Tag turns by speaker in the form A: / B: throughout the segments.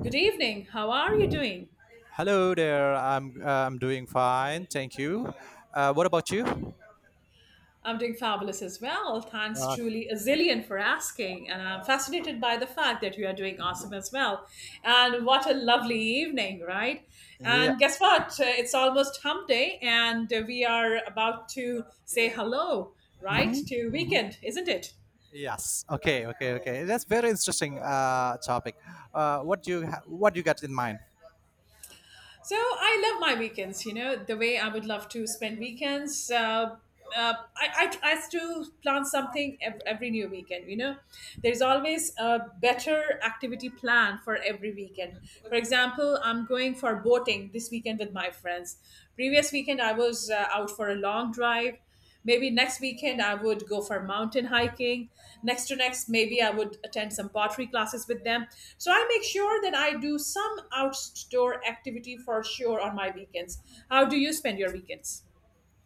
A: Good evening. How are you doing?
B: Hello there. I'm doing fine. Thank you. What about you?
A: I'm doing fabulous as well. Thanks
B: Uh,
A: truly a zillion for asking. And I'm fascinated by the fact that you are doing awesome as well. And what a lovely evening, right?
B: yeah.
A: And guess what? It's almost hump day, and we are about to say hello, right,
B: Mhm.
A: to weekend, isn't it?
B: Yes. Okay. Okay. Okay. That's very interesting topic. What do you got in mind?
A: So I love my weekends, you know, the way I would love to spend weekends. I try to plan something every new weekend, you know. There's always a better activity plan for every weekend. For example, I'm going for boating this weekend with my friends. Previous weekend, I was out for a long drive. Maybe next weekend I would go for mountain hiking. Next to next, maybe I would attend some pottery classes with them. So I make sure that I do some outdoor activity for sure on my weekends. How do you spend your weekends?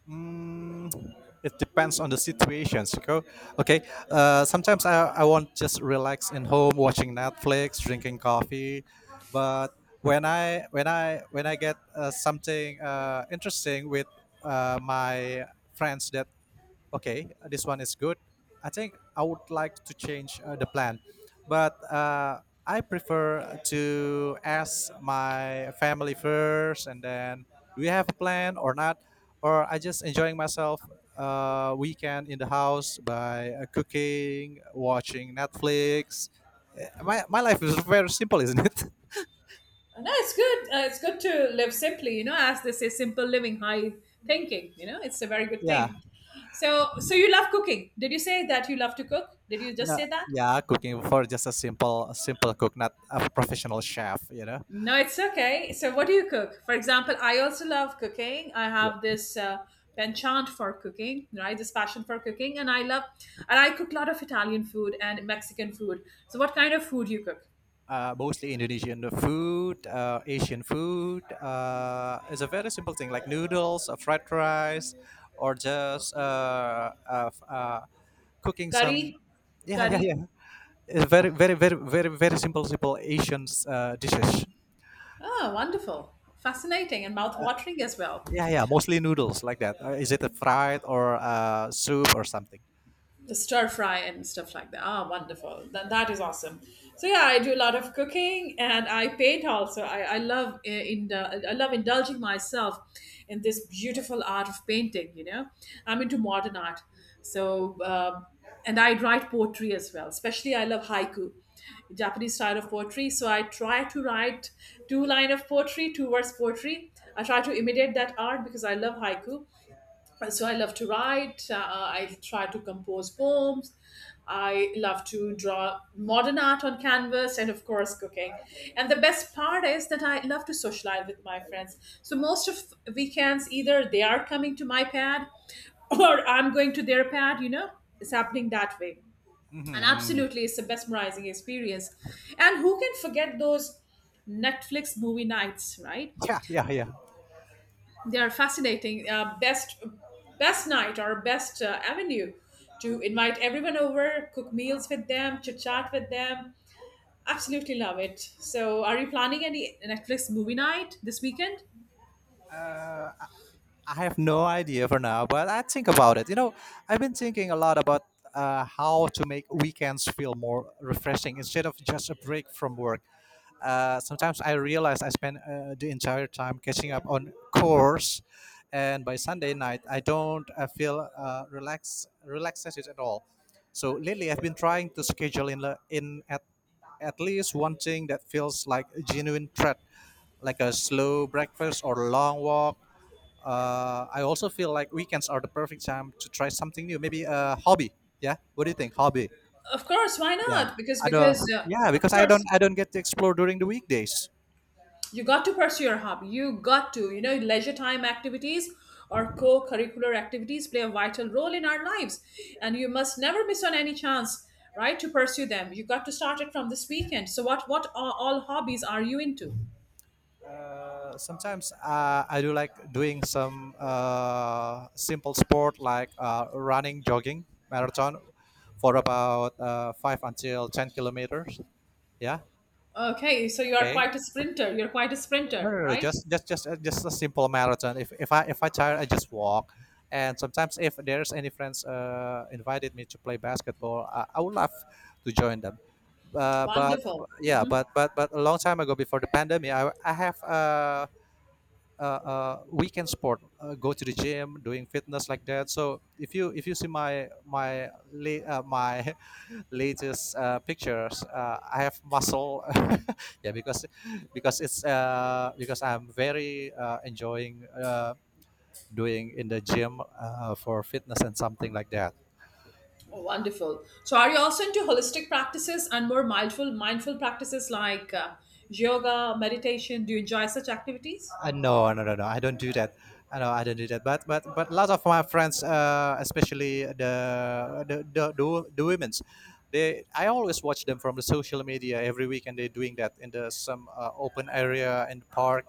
B: Mm, it depends on the situations. Okay. Okay. Sometimes I want just relax in home, watching Netflix, drinking coffee, but when I get something interesting with my friends that okay, this one is good. I think I would like to change the plan, but I prefer to ask my family first, and then do you have a plan or not, or I just enjoying myself weekend in the house by cooking, watching Netflix. My life is very simple, isn't it?
A: No, it's good. It's good to live simply, you know, as they say, simple living, high thinking. You know, it's a very good
B: Yeah,
A: thing. So you love cooking. Did you say that you love to cook? Did you just
B: no,
A: say that?
B: yeah, cooking for just a simple cook, not a professional chef.
A: No, it's okay. So, what do you cook? For example, I also love cooking. I have this penchant for cooking, right? This passion for cooking, and I love and I cook a lot of Italian food and Mexican food. So, what kind of food you cook?
B: Mostly Indonesian food, Asian food. It's a very simple thing like noodles, fried rice, or just cooking some.
A: Curry,
B: Yeah, yeah,
A: curry.
B: yeah. It's very, very, very, very, very simple, simple Asian dishes.
A: Oh, wonderful, fascinating, and mouth watering as well.
B: Yeah, yeah. Mostly noodles like that. Is it a fried or soup or something?
A: The stir fry and stuff like that. Ah, wonderful. That is awesome. So yeah, I do a lot of cooking and I paint also. I love in I love indulging myself in this beautiful art of painting. You know, I'm into modern art. So and I write poetry as well. Especially I love haiku, Japanese style of poetry. So I try to write two line of poetry, two verse poetry. I try to imitate that art because I love haiku, so I love to write, I try to compose poems. I love to draw modern art on canvas, and of course cooking. And the best part is that I love to socialize with my friends, so most of weekends either they are coming to my pad or I'm going to their pad, you know, it's happening that way. And
B: Hmm.
A: absolutely, it's a mesmerizing experience. And who can forget those Netflix movie nights, right?
B: Yeah, yeah, yeah.
A: They are fascinating, best night or best avenue to invite everyone over, cook meals with them, chit chat with them. Absolutely love it. So are you planning any Netflix movie night this weekend?
B: I have no idea for now, but I think about it. I've been thinking a lot about how to make weekends feel more refreshing instead of just a break from work. Sometimes I realize I spend the entire time catching up on chores, and by Sunday night I don't feel relaxed at all. So lately I've been trying to schedule in at least one thing that feels like a genuine threat, like a slow breakfast or a long walk. I also feel like weekends are the perfect time to try something new. Maybe a hobby. Yeah. What do you think? Hobby.
A: Of course, why
B: Yeah.
A: not? Because
B: I
A: because
B: don't. Yeah,
A: Of
B: because I
A: course,
B: don't. I don't get to explore during the weekdays.
A: you got to pursue your hobby. You got to, you know, leisure time activities or co-curricular activities play a vital role in our lives, and you must never miss on any chance, right, to pursue them. You got to start it from this weekend. So all hobbies are you into?
B: Sometimes I do like doing some simple sport like running, jogging, marathon for about 5 until 10 kilometers. Yeah.
A: Okay, so you are
B: Okay.
A: quite a sprinter, you're quite a
B: No,
A: sprinter,
B: no, no. No,
A: right?
B: Just a simple marathon. If I tired, I just walk. And sometimes, if there's any friends invited me to play basketball, I would love to join them. But
A: Wonderful.
B: yeah,
A: Hmm.
B: but a long time ago, before the pandemic, I have weekend sport, go to the gym, doing fitness like that. So if you see my latest pictures, I have muscle. Yeah, because I'm very enjoying doing in the gym for fitness and something like that.
A: Wonderful. So are you also into holistic practices and more mindful practices like yoga, meditation? Do you enjoy such activities?
B: No, no, no, no. I don't do that. I know I don't do that. But lots of my friends, especially the women's, they I always watch them from the social media every week, and they're doing that in the some open area in the park.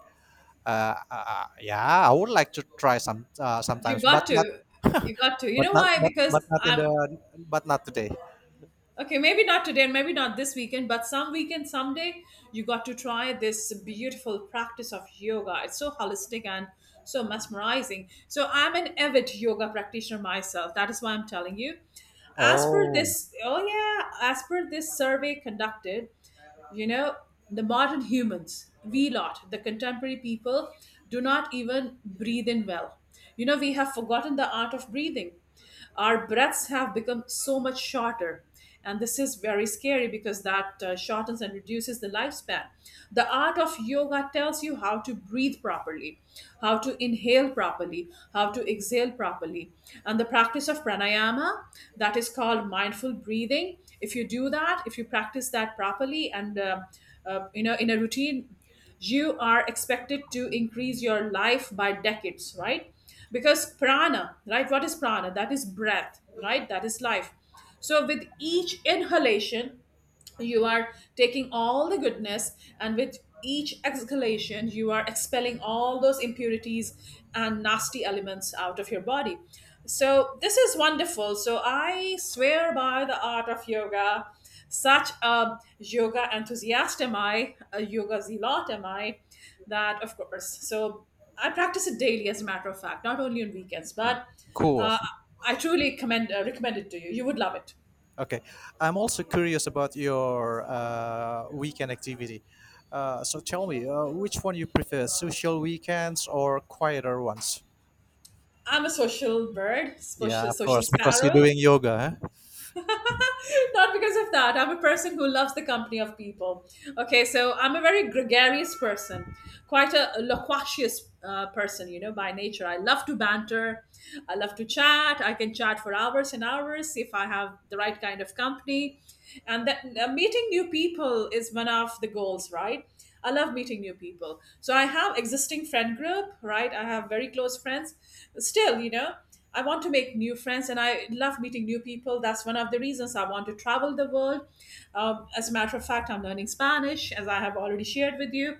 B: Yeah, I would like to try some
A: You
B: sometimes,
A: got to. You got to. You
B: but
A: know
B: not
A: why?
B: but
A: Because
B: but not in
A: I
B: the but not today.
A: okay, maybe not today and maybe not this weekend, but some weekend, someday, you got to try this beautiful practice of yoga. It's so holistic and so mesmerizing. So I'm an avid yoga practitioner myself. That is why I'm telling you. As per
B: Oh,
A: this, oh yeah, as per this survey conducted, you know, the modern humans, we lot, the contemporary people, do not even breathe in well. You know, we have forgotten the art of breathing. Our breaths have become so much shorter. And this is very scary because that shortens and reduces the lifespan. The art of yoga tells you how to breathe properly, how to inhale properly, how to exhale properly. And the practice of pranayama, that is called mindful breathing. If you do that, if you practice that properly and you know, in a routine, you are expected to increase your life by decades, right? Because prana, right, what is prana? That is breath, right? That is life. So with each inhalation you are taking all the goodness, and with each exhalation you are expelling all those impurities and nasty elements out of your body. So this is wonderful. So I swear by the art of yoga. Such a yoga enthusiast am I, a yoga zealot am I. That, of course. So I practice it daily, as a matter of fact, not only on weekends. But
B: cool.
A: uh, I truly commend, recommend it to you. You would love it.
B: Okay, I'm also curious about your weekend activity. So tell me, which one you prefer, social weekends or quieter ones?
A: I'm a social bird,
B: Yeah,
A: social,
B: of
A: social
B: course, because you're
A: sparrow.
B: doing yoga.
A: Not because of that. I'm a person who loves the company of people. Okay, so I'm a very gregarious person, quite a loquacious person, you know, by nature. I love to banter. I love to chat. I can chat for hours and hours if I have the right kind of company. And that meeting new people is one of the goals, right? I love meeting new people. So I have existing friend group, right? I have very close friends. Still, you know, I want to make new friends and I love meeting new people. That's one of the reasons I want to travel the world. As a matter of fact, I'm learning Spanish, as I have already shared with you.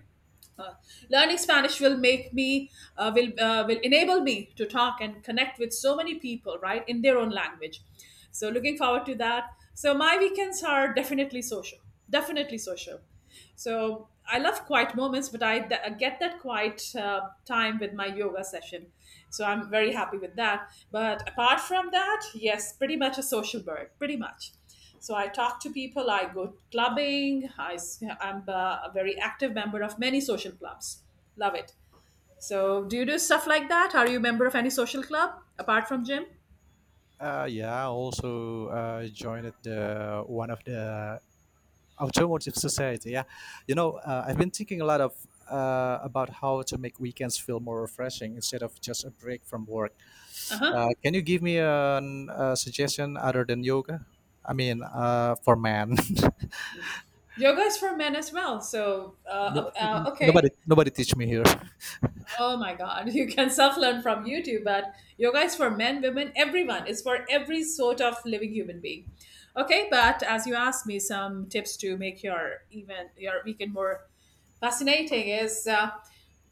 A: Uh, learning Spanish will make me will enable me to talk and connect with so many people, right, in their own language. So looking forward to that. So my weekends are definitely social, definitely social. So I love quiet moments, but I get that quiet time with my yoga session. So I'm very happy with that. But apart from that, yes, pretty much a social bird, pretty much. So I talk to people, I go clubbing, I am a very active member of many social clubs. Love it. So do you do stuff like that? Are you a member of any social club apart from gym?
B: Huh? Yeah, I also joined the one of the automotive society. Yeah, I've been thinking a lot of about how to make weekends feel more refreshing instead of just a break from work.
A: Uh huh.
B: Can you give me a suggestion other than yoga? I mean, for man,
A: Yoga is for men as well. So,
B: no, nobody
A: okay.
B: nobody teach me here.
A: Oh my God, you can self-learn from YouTube, but yoga is for men, women, everyone. It's for every sort of living human being. Okay, but as you asked me some tips to make your even your weekend more fascinating is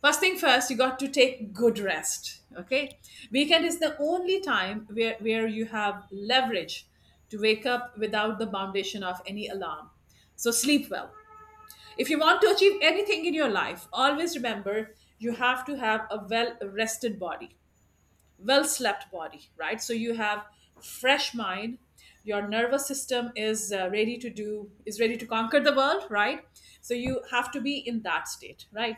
A: first thing first, you got to take good rest. Okay, weekend is the only time where you have leverage to wake up without the foundation of any alarm. So sleep well. If you want to achieve anything in your life, always remember you have to have a well rested body, well slept body, right? So you have fresh mind. Your nervous system is ready to do is ready to conquer the world, right? So you have to be in that state, right?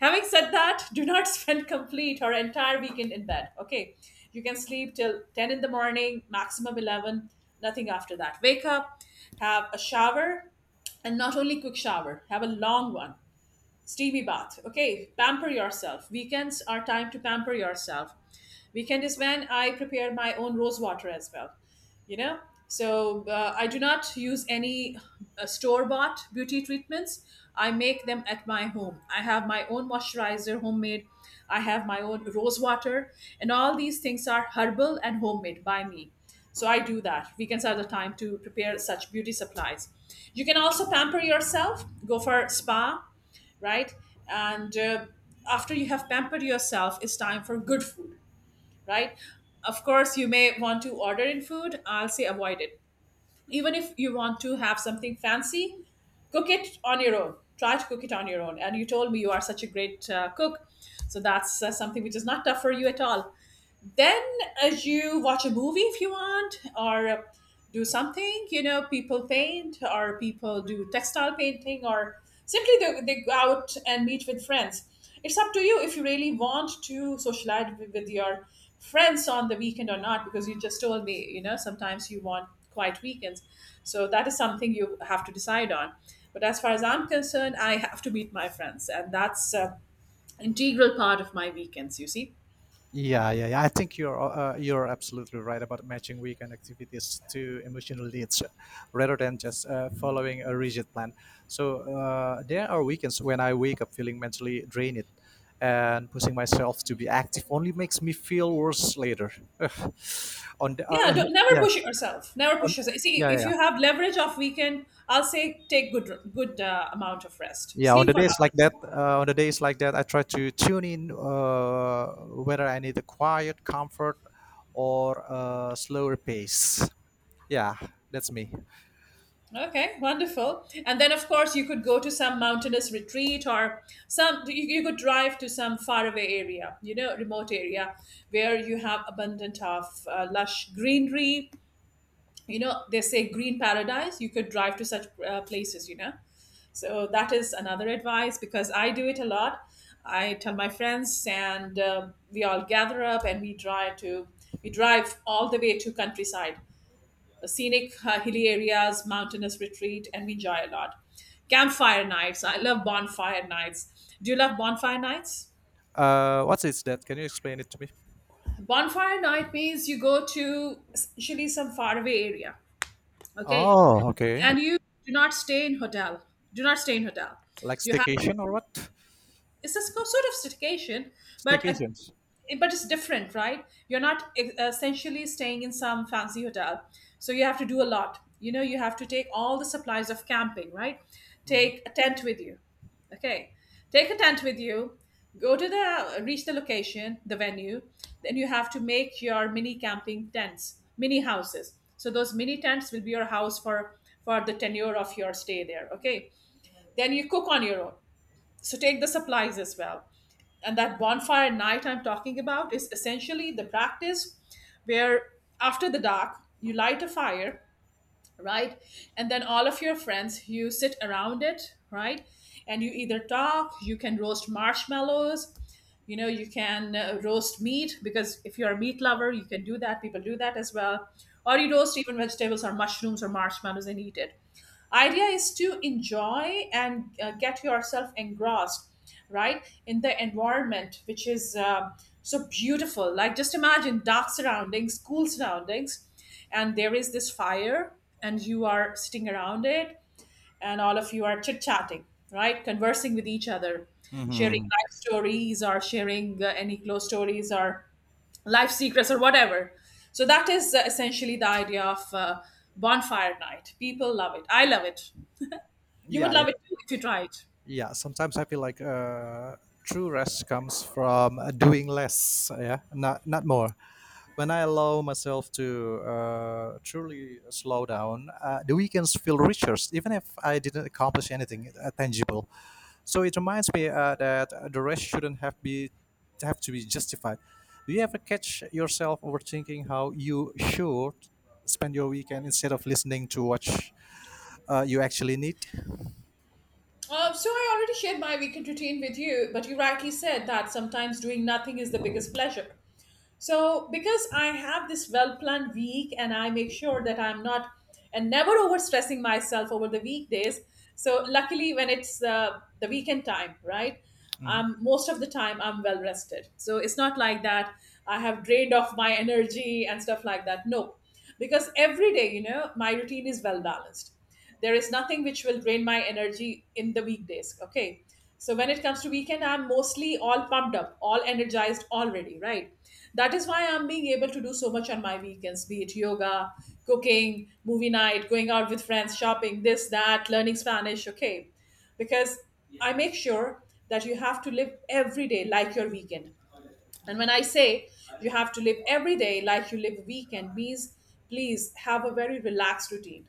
A: Having said that, do not spend complete or entire weekend in bed. Okay, you can sleep till ten in the morning, maximum 11. Nothing after that. Wake up, have a shower, and not only quick shower, have a long one, steamy bath. Okay, pamper yourself. Weekends are time to pamper yourself. Weekend is when I prepare my own rose water as well, you know. So I do not use any store bought beauty treatments. I make them at my home. I have my own moisturizer, homemade. I have my own rose water, and all these things are herbal and homemade by me. So I do that. Weekends are the time to prepare such beauty supplies. You can also pamper yourself, go for spa, right? And after you have pampered yourself, it's time for good food, right? Of course, you may want to order in food. I'll say avoid it. Even if you want to have something fancy, cook it on your own. Try to cook it on your own. And you told me you are such a great cook. So that's something which is not tough for you at all. Then as you watch a movie if you want, or do something, you know, people paint or people do textile painting, or simply they go out and meet with friends. It's up to you if you really want to socialize with your friends on the weekend or not, because you just told me, you know, sometimes you want quiet weekends. So that is something you have to decide on. But as far as I'm concerned, I have to meet my friends and that's an integral part of my weekends, you see.
B: Yeah, yeah, yeah. I think you're absolutely right about matching weekend activities to emotional needs, rather than just following a rigid plan. So there are weekends when I wake up feeling mentally drained, and pushing myself to be active only makes me feel worse later. Ugh.
A: Yeah,
B: On
A: don't,
B: the-
A: never
B: yeah
A: push yourself. Never
B: on
A: push yourself. See,
B: yeah
A: if
B: yeah
A: you have leverage of weekend, I'll say take good amount of rest.
B: yeah On
A: Sleep
B: the
A: for
B: days like
A: hours.
B: that, I try to tune in, whether I need a quiet comfort or a slower pace. Yeah, that's me.
A: Okay, wonderful. And then of course you could go to some mountainous retreat, or some you could drive to some faraway area, you know, remote area where you have abundant of lush greenery. You know, they say green paradise. You could drive to such places, you know. So that is another advice because I do it a lot. I tell my friends and we all gather up and we drive all the way to countryside, scenic hilly areas, mountainous retreat, and we enjoy a lot. Campfire nights, I love bonfire nights. Do you love bonfire nights?
B: What is that? Can you explain it to me?
A: Bonfire night means you go to usually some faraway area. Okay,
B: Oh, okay.
A: and you do not stay in hotel. do not stay in hotel
B: Like
A: you have to,
B: staycation or what?
A: it's a sort of staycation, but
B: Staycations.
A: but it's different, right? You're not essentially staying in some fancy hotel. So you have to do a lot, you know. You have to take all the supplies of camping, right?
B: Mhm.
A: Take a tent with you. Okay, take a tent with you go to, the reach the location, the venue. Then you have to make your mini camping tents, mini houses. So those mini tents will be your house for the tenure of your stay there. Okay, then you cook on your own, so take the supplies as well. And that bonfire night I'm talking about is essentially the practice where after the dark, you light a fire, right? And then all of your friends, you sit around it, right? And you either talk, you can roast marshmallows. You know, you can roast meat, because if you're a meat lover, you can do that. People do that as well. Or you roast even vegetables or mushrooms or marshmallows and eat it. Idea is to enjoy and get yourself engrossed, right, in the environment, which is so beautiful. Like, just imagine dark surroundings, cool surroundings, and there is this fire, and you are sitting around it, and all of you are chit chatting, right? Conversing with each other, sharing
B: Hmm.
A: life stories or sharing any close stories or life secrets or whatever. So that is essentially the idea of bonfire night. People love it. I love it. You would
B: Yeah, yeah,
A: love it too if you try it.
B: yeah. Sometimes I feel like true rest comes from doing less, yeah, not more. When I allow myself to truly slow down, the weekends feel richer, even if I didn't accomplish anything tangible. So it reminds me that the rest shouldn't have to be justified. Do you ever catch yourself overthinking how you should spend your weekend instead of listening to what you actually need?
A: So I already shared my weekend routine with you, but you rightly said that sometimes doing nothing is the biggest pleasure. So because I have this well-planned week and I make sure that I'm not and never overstressing myself over the weekdays. So luckily, when it's the weekend time, right?
B: Mhm.
A: Most of the time I'm well rested. So it's not like that I have drained off my energy and stuff like that. No, because every day, you know, my routine is well balanced. There is nothing which will drain my energy in the weekdays. Okay, so when it comes to weekend, I'm mostly all pumped up, all energized already, right? That is why I'm being able to do so much on my weekends, be it yoga, cooking, movie night, going out with friends, shopping, this, that, learning Spanish. Okay, because I make sure that you have to live every day like your weekend. And when I say you have to live every day like you live a weekend, means please have a very relaxed routine.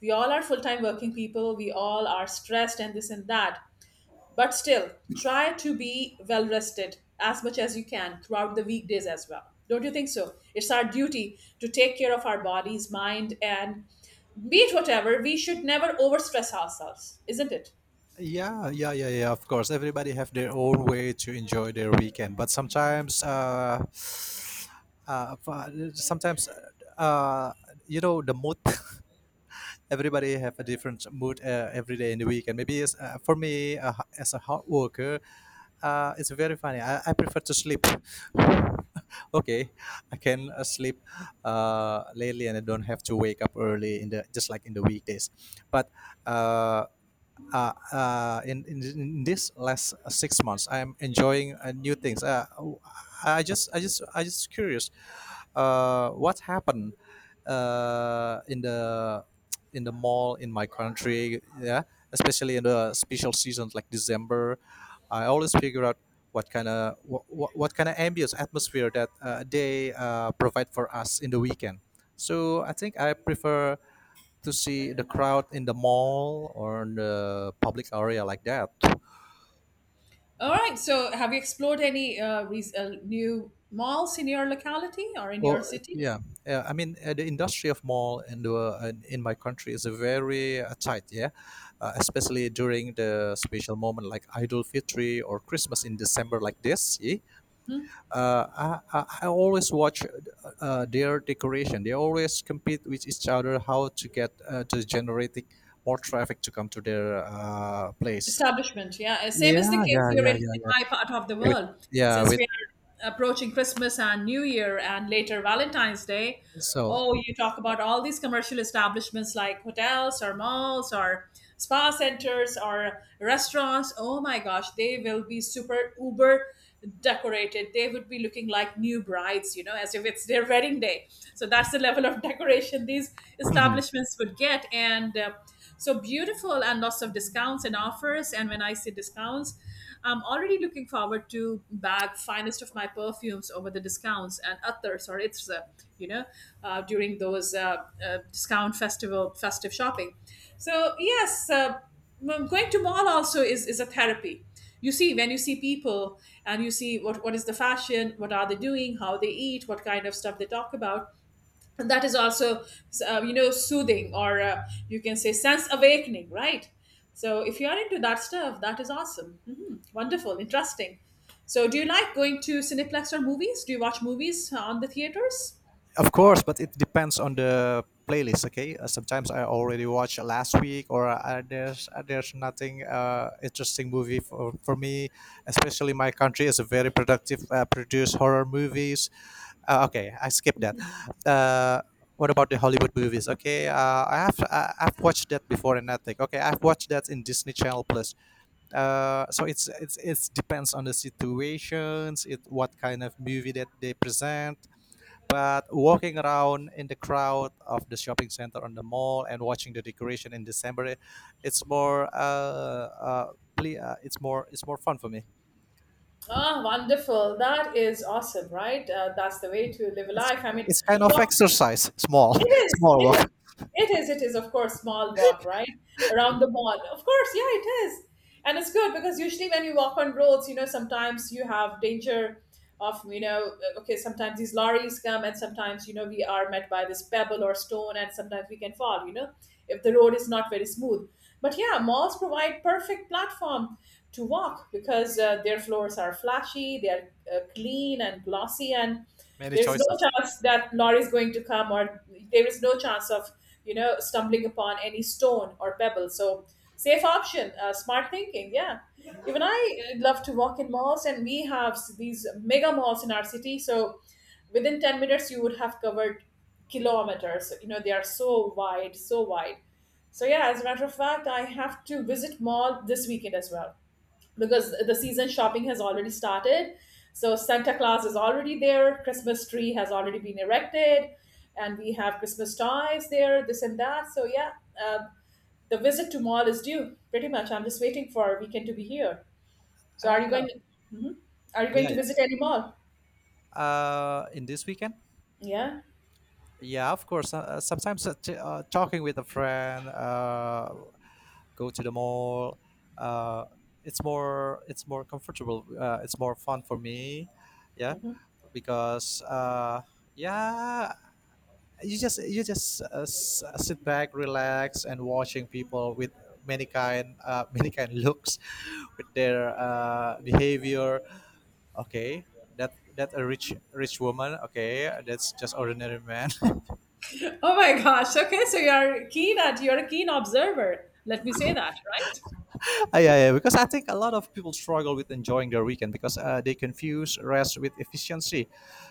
A: We all are full time working people, we all are stressed and this and that. But still, try to be well rested as much as you can throughout the weekdays as well. Don't you think so? It's our duty to take care of our bodies, mind, and be it whatever, we should never overstress ourselves, isn't it?
B: Yeah, yeah, yeah, yeah. Of course, everybody have their own way to enjoy their weekend, but sometimes, sometimes, uh, the mood. Everybody have a different mood every day in the weekend. Maybe for me, as a hard worker, it's very funny. I prefer to sleep. Okay, I can sleep lately, and I don't have to wake up early in the just like in the weekdays. But uh, in this last 6 months, I'm enjoying new things. I just curious, what happened uh, in the in the mall in my country? Yeah, especially in the special seasons like December, I always figure out what kind of ambience atmosphere that they provide for us in the weekend. So I think I prefer to see the crowd in the mall or in the public area like that.
A: All right. So, have you explored any new malls in your locality or in your
B: Well,
A: city?
B: yeah, yeah. I mean, the industry of mall in my country is a very tight, yeah, especially during the special moment like Idul Fitri or Christmas in December like this. Yeah? I always watch their decoration. They always compete with each other how to generating more traffic to come to their place.
A: Establishment, yeah. Same is the
B: Yeah,
A: case
B: yeah,
A: here
B: yeah, yeah,
A: in
B: yeah.
A: my part of the
B: With
A: world.
B: yeah,
A: Since we
B: with
A: are approaching Christmas and New Year and later Valentine's Day,
B: So.
A: oh, you talk about all these commercial establishments like hotels or malls or spa centers or restaurants. Oh my gosh, they will be super uber decorated. They would be looking like new brides, you know, as if it's their wedding day. So that's the level of decoration these
B: Mhm.
A: establishments would get. And so beautiful, and lots of discounts and offers. And when I say discounts, I'm already looking forward to bag finest of my perfumes over the discounts and others. Or it's you know, during those discount festival festive shopping. So yes, going to mall also is a therapy. You see, when you see people and you see what is the fashion, what are they doing, how they eat, what kind of stuff they talk about, that is also you know, soothing, or you can say sense awakening, right? So if you are into that stuff, that is awesome. Hmm, wonderful, interesting. So do you like going to cineplex or movies? Do you watch movies on the theaters?
B: Of course, but it depends on the playlist. Okay, sometimes I already watched last week, or there's nothing interesting movie for me. Especially my country is a very productive produce horror movies. Okay, I skip that. Uh, what about the Hollywood movies? Okay, I've watched that before in Netflix. Okay, I've watched that in Disney Channel Plus. So it's depends on the situations, it what kind of movie that they present, but walking around in the crowd of the shopping center on the mall and watching the decoration in December, it's more fun for me.
A: Ah, wonderful. That is awesome, right? That's the way to live a
B: It's
A: life. I mean,
B: it's kind of
A: what?
B: exercise, small
A: It is.
B: small
A: It is.
B: walk.
A: It is. It is. Of course, small walk right around the mall. Of course, yeah, it is, and it's good because usually when you walk on roads, you know, sometimes you have danger of, you know, okay, sometimes these lorries come, and sometimes you know we are met by this pebble or stone, and sometimes we can fall. You know, if the road is not very smooth. But yeah, malls provide perfect platform to walk because their floors are flashy, they are clean and glossy, and
B: Many
A: there's no
B: choices.
A: chance that lorry is going to come, or there is no chance of, you know, stumbling upon any stone or pebble. So safe option, smart thinking. Yeah, even I love to walk in malls, and we have these mega malls in our city. So within 10 minutes, you would have covered kilometers. You know they are so wide, so wide. So yeah, as a matter of fact, I have to visit mall this weekend as well because the season shopping has already started. So Santa Claus is already there, Christmas tree has already been erected, and we have Christmas toys there, this and that. So yeah, uh, the visit to mall is due pretty much. I'm just waiting for weekend to be here. So are you
B: Ah.
A: going? Mhm. Are you going to
B: Yeah,
A: visit any mall?
B: yeah. In this weekend.
A: Yeah.
B: Yeah, of course. Sometimes talking with a friend, go to the mall. Uh, it's more comfortable. It's more fun for me. Yeah, because yeah, you just sit back, relax, and watching people with many kind, many kind looks with their behavior. Okay, that a rich woman. Okay, that's just ordinary man.
A: Oh my gosh. Okay, so you're keen at, you're a keen observer. Let me say that, right?
B: Ah, yeah, yeah, because I think a lot of people struggle with enjoying their weekend because they confuse rest with efficiency.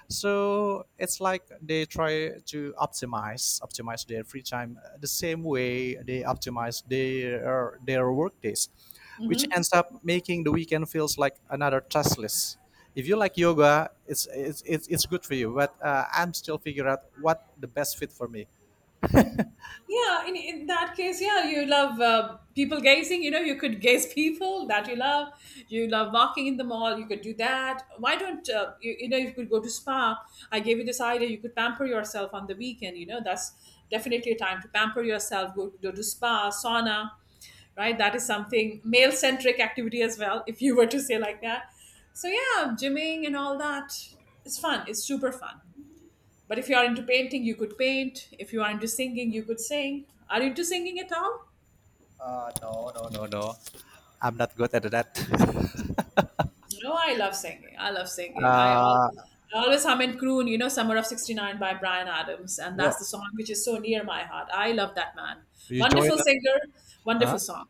B: So it's like they try to optimize their free time the same way they optimize their work days, which
A: Mhm.
B: ends up making the weekend feels like another task list. If you like yoga, it's good for you, but I'm still figuring out what the best fit for me.
A: Yeah, in that case, yeah, you love people gazing, you know. You could gaze people that you love. You love walking in the mall, you could do that. Why don't you know, you could go to spa. I gave you this idea. You could pamper yourself on the weekend, you know. That's definitely a time to pamper yourself. Go to spa, sauna, right? That is something male centric activity as well, if you were to say like that. So yeah, gymming and all that, it's fun, it's super fun. But if you are into painting, you could paint. If you are into singing, you could sing. Are you into singing at all?
B: No, no, no, no. I'm not good at that.
A: No, I love singing. I love singing.
B: Uh,
A: I always hum and croon, you know, Summer of 69 by Brian Adams. And
B: yeah.
A: that's the song which is so near my heart. I love that man.
B: you join
A: Wonderful
B: a
A: singer,
B: uh,
A: wonderful song.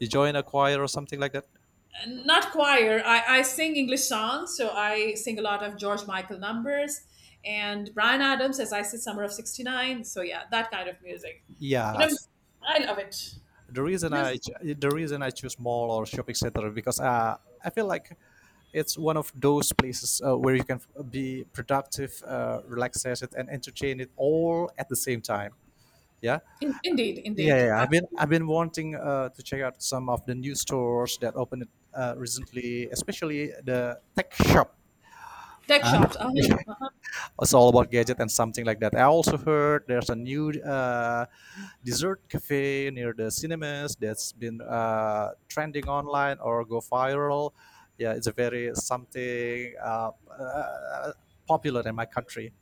B: you join a choir or something like that?
A: And not choir. I sing English songs. So I sing a lot of George Michael numbers and Brian Adams, as I said, Summer of 69. So yeah, that kind of music. You
B: Yeah,
A: know, I love it.
B: the reason
A: Music.
B: i the reason I choose mall or shopping center because I feel like it's one of those places where you can be productive, relax it, and entertain it all at the same time. Yeah.
A: Indeed,
B: yeah,
A: indeed,
B: yeah. I've been
A: absolutely.
B: I've been wanting to check out some of the new stores that opened recently, especially the tech shop.
A: Tech
B: Huh?
A: shops. Uh-huh, uh-huh.
B: It's all about gadget and something like that. I also heard there's a new dessert cafe near the cinemas that's been trending online or go viral. Yeah, it's a very something popular in my country.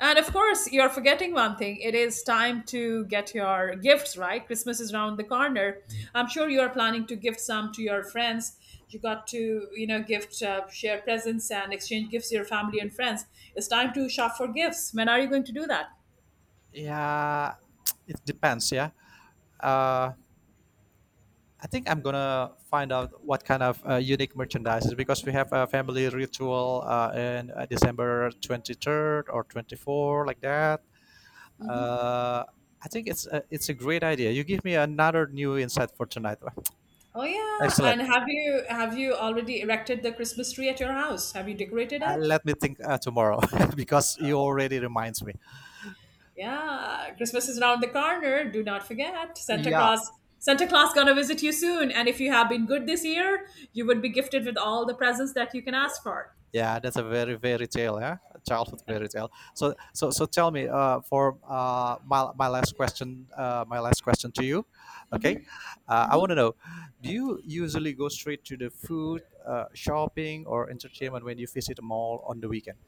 A: And of course, you're forgetting one thing. It is time to get your gifts, right? Christmas is around the corner. I'm sure you are planning to gift some to your friends. You got to, you know, gift, share presents and exchange gifts to your family and friends. It's time to shop for gifts. When are you going to do that?
B: Yeah, it depends. Yeah. Uh, I think I'm gonna find out what kind of unique merchandises because we have a family ritual in December 23rd or 24th, like that. Uh, I think it's a great idea. You give me another new insight for tonight.
A: Oh yeah,
B: Excellent.
A: and have you already erected the Christmas tree at your house? Have you decorated it?
B: Let me think tomorrow because you already reminds me.
A: Yeah, Christmas is around the corner. Do not forget.
B: Yeah,
A: Santa Claus gonna visit you soon. And if you have been good this year, you would be gifted with all the presents that you can ask for.
B: yeah, that's a very tale, yeah, a childhood fairy tale. So tell me, for my last question to you, okay? I want to know, do you usually go straight to the food, shopping, or entertainment when you visit a mall on the weekend?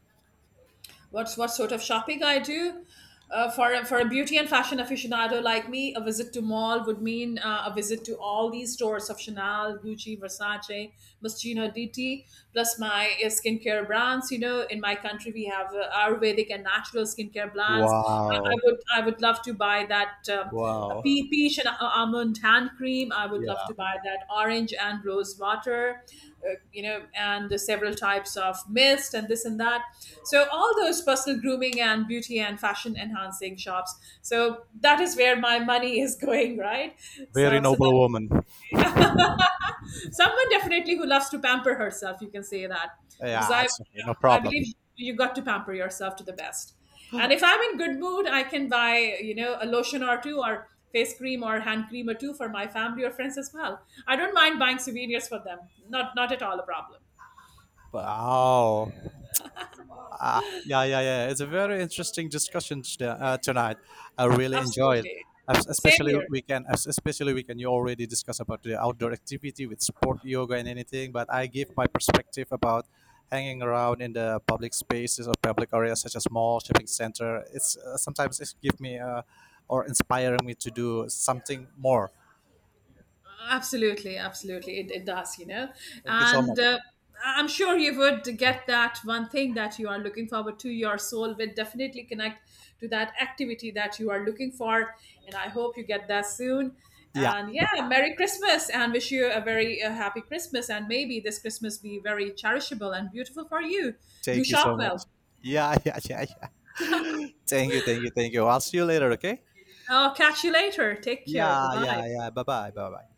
A: What's, what sort of shopping I do? For a beauty and fashion aficionado like me, a visit to mall would mean a visit to all these stores of Chanel, Gucci, Versace, Moschino, DT, plus my skincare brands. You know, in my country we have Ayurvedic and natural skincare brands.
B: Wow,
A: I would love to buy that
B: wow,
A: peach and almond hand cream. I would love
B: yeah,
A: to buy that orange and rose water, you know, and the several types of mist and this and that. So all those personal grooming and beauty and fashion enhancing shops. So that is where my money is going, right?
B: very
A: So so that.
B: noble woman.
A: Someone definitely who loves to pamper herself, you can say that, because
B: Yeah, it's okay, no
A: I
B: problem.
A: believe you got to pamper yourself to the best. And if I'm in good mood, I can buy, you know, a lotion or two, or face cream or hand cream or two for my family or friends as well. I don't mind buying souvenirs for them. Not at all a problem.
B: Wow. Ah, yeah, yeah, yeah. It's a very interesting discussion tonight. I really enjoy it.
A: Absolutely. Same
B: Especially
A: here.
B: weekend. Especially we can. You already discuss about the outdoor activity with sport, yoga, and anything. But I give my perspective about hanging around in the public spaces or public areas such as mall, shopping center. It's Sometimes it give me or inspiring me to do something more.
A: Absolutely, absolutely. It does, you know.
B: Thank you so
A: And
B: much.
A: I'm sure you would get that one thing that you are looking forward to. Your soul will definitely connect to that activity that you are looking for. And I hope you get that soon.
B: Yeah.
A: And yeah, Merry Christmas and wish you a very happy Christmas. And maybe this Christmas be very cherishable and beautiful for you. Do
B: Thank you
A: shop
B: so much.
A: well.
B: Yeah, yeah, yeah, yeah. Thank you, thank you, thank you. I'll see you later, okay?
A: Oh, catch you later. Take care. Bye
B: Yeah,
A: bye.
B: yeah, yeah. Bye bye. Bye bye.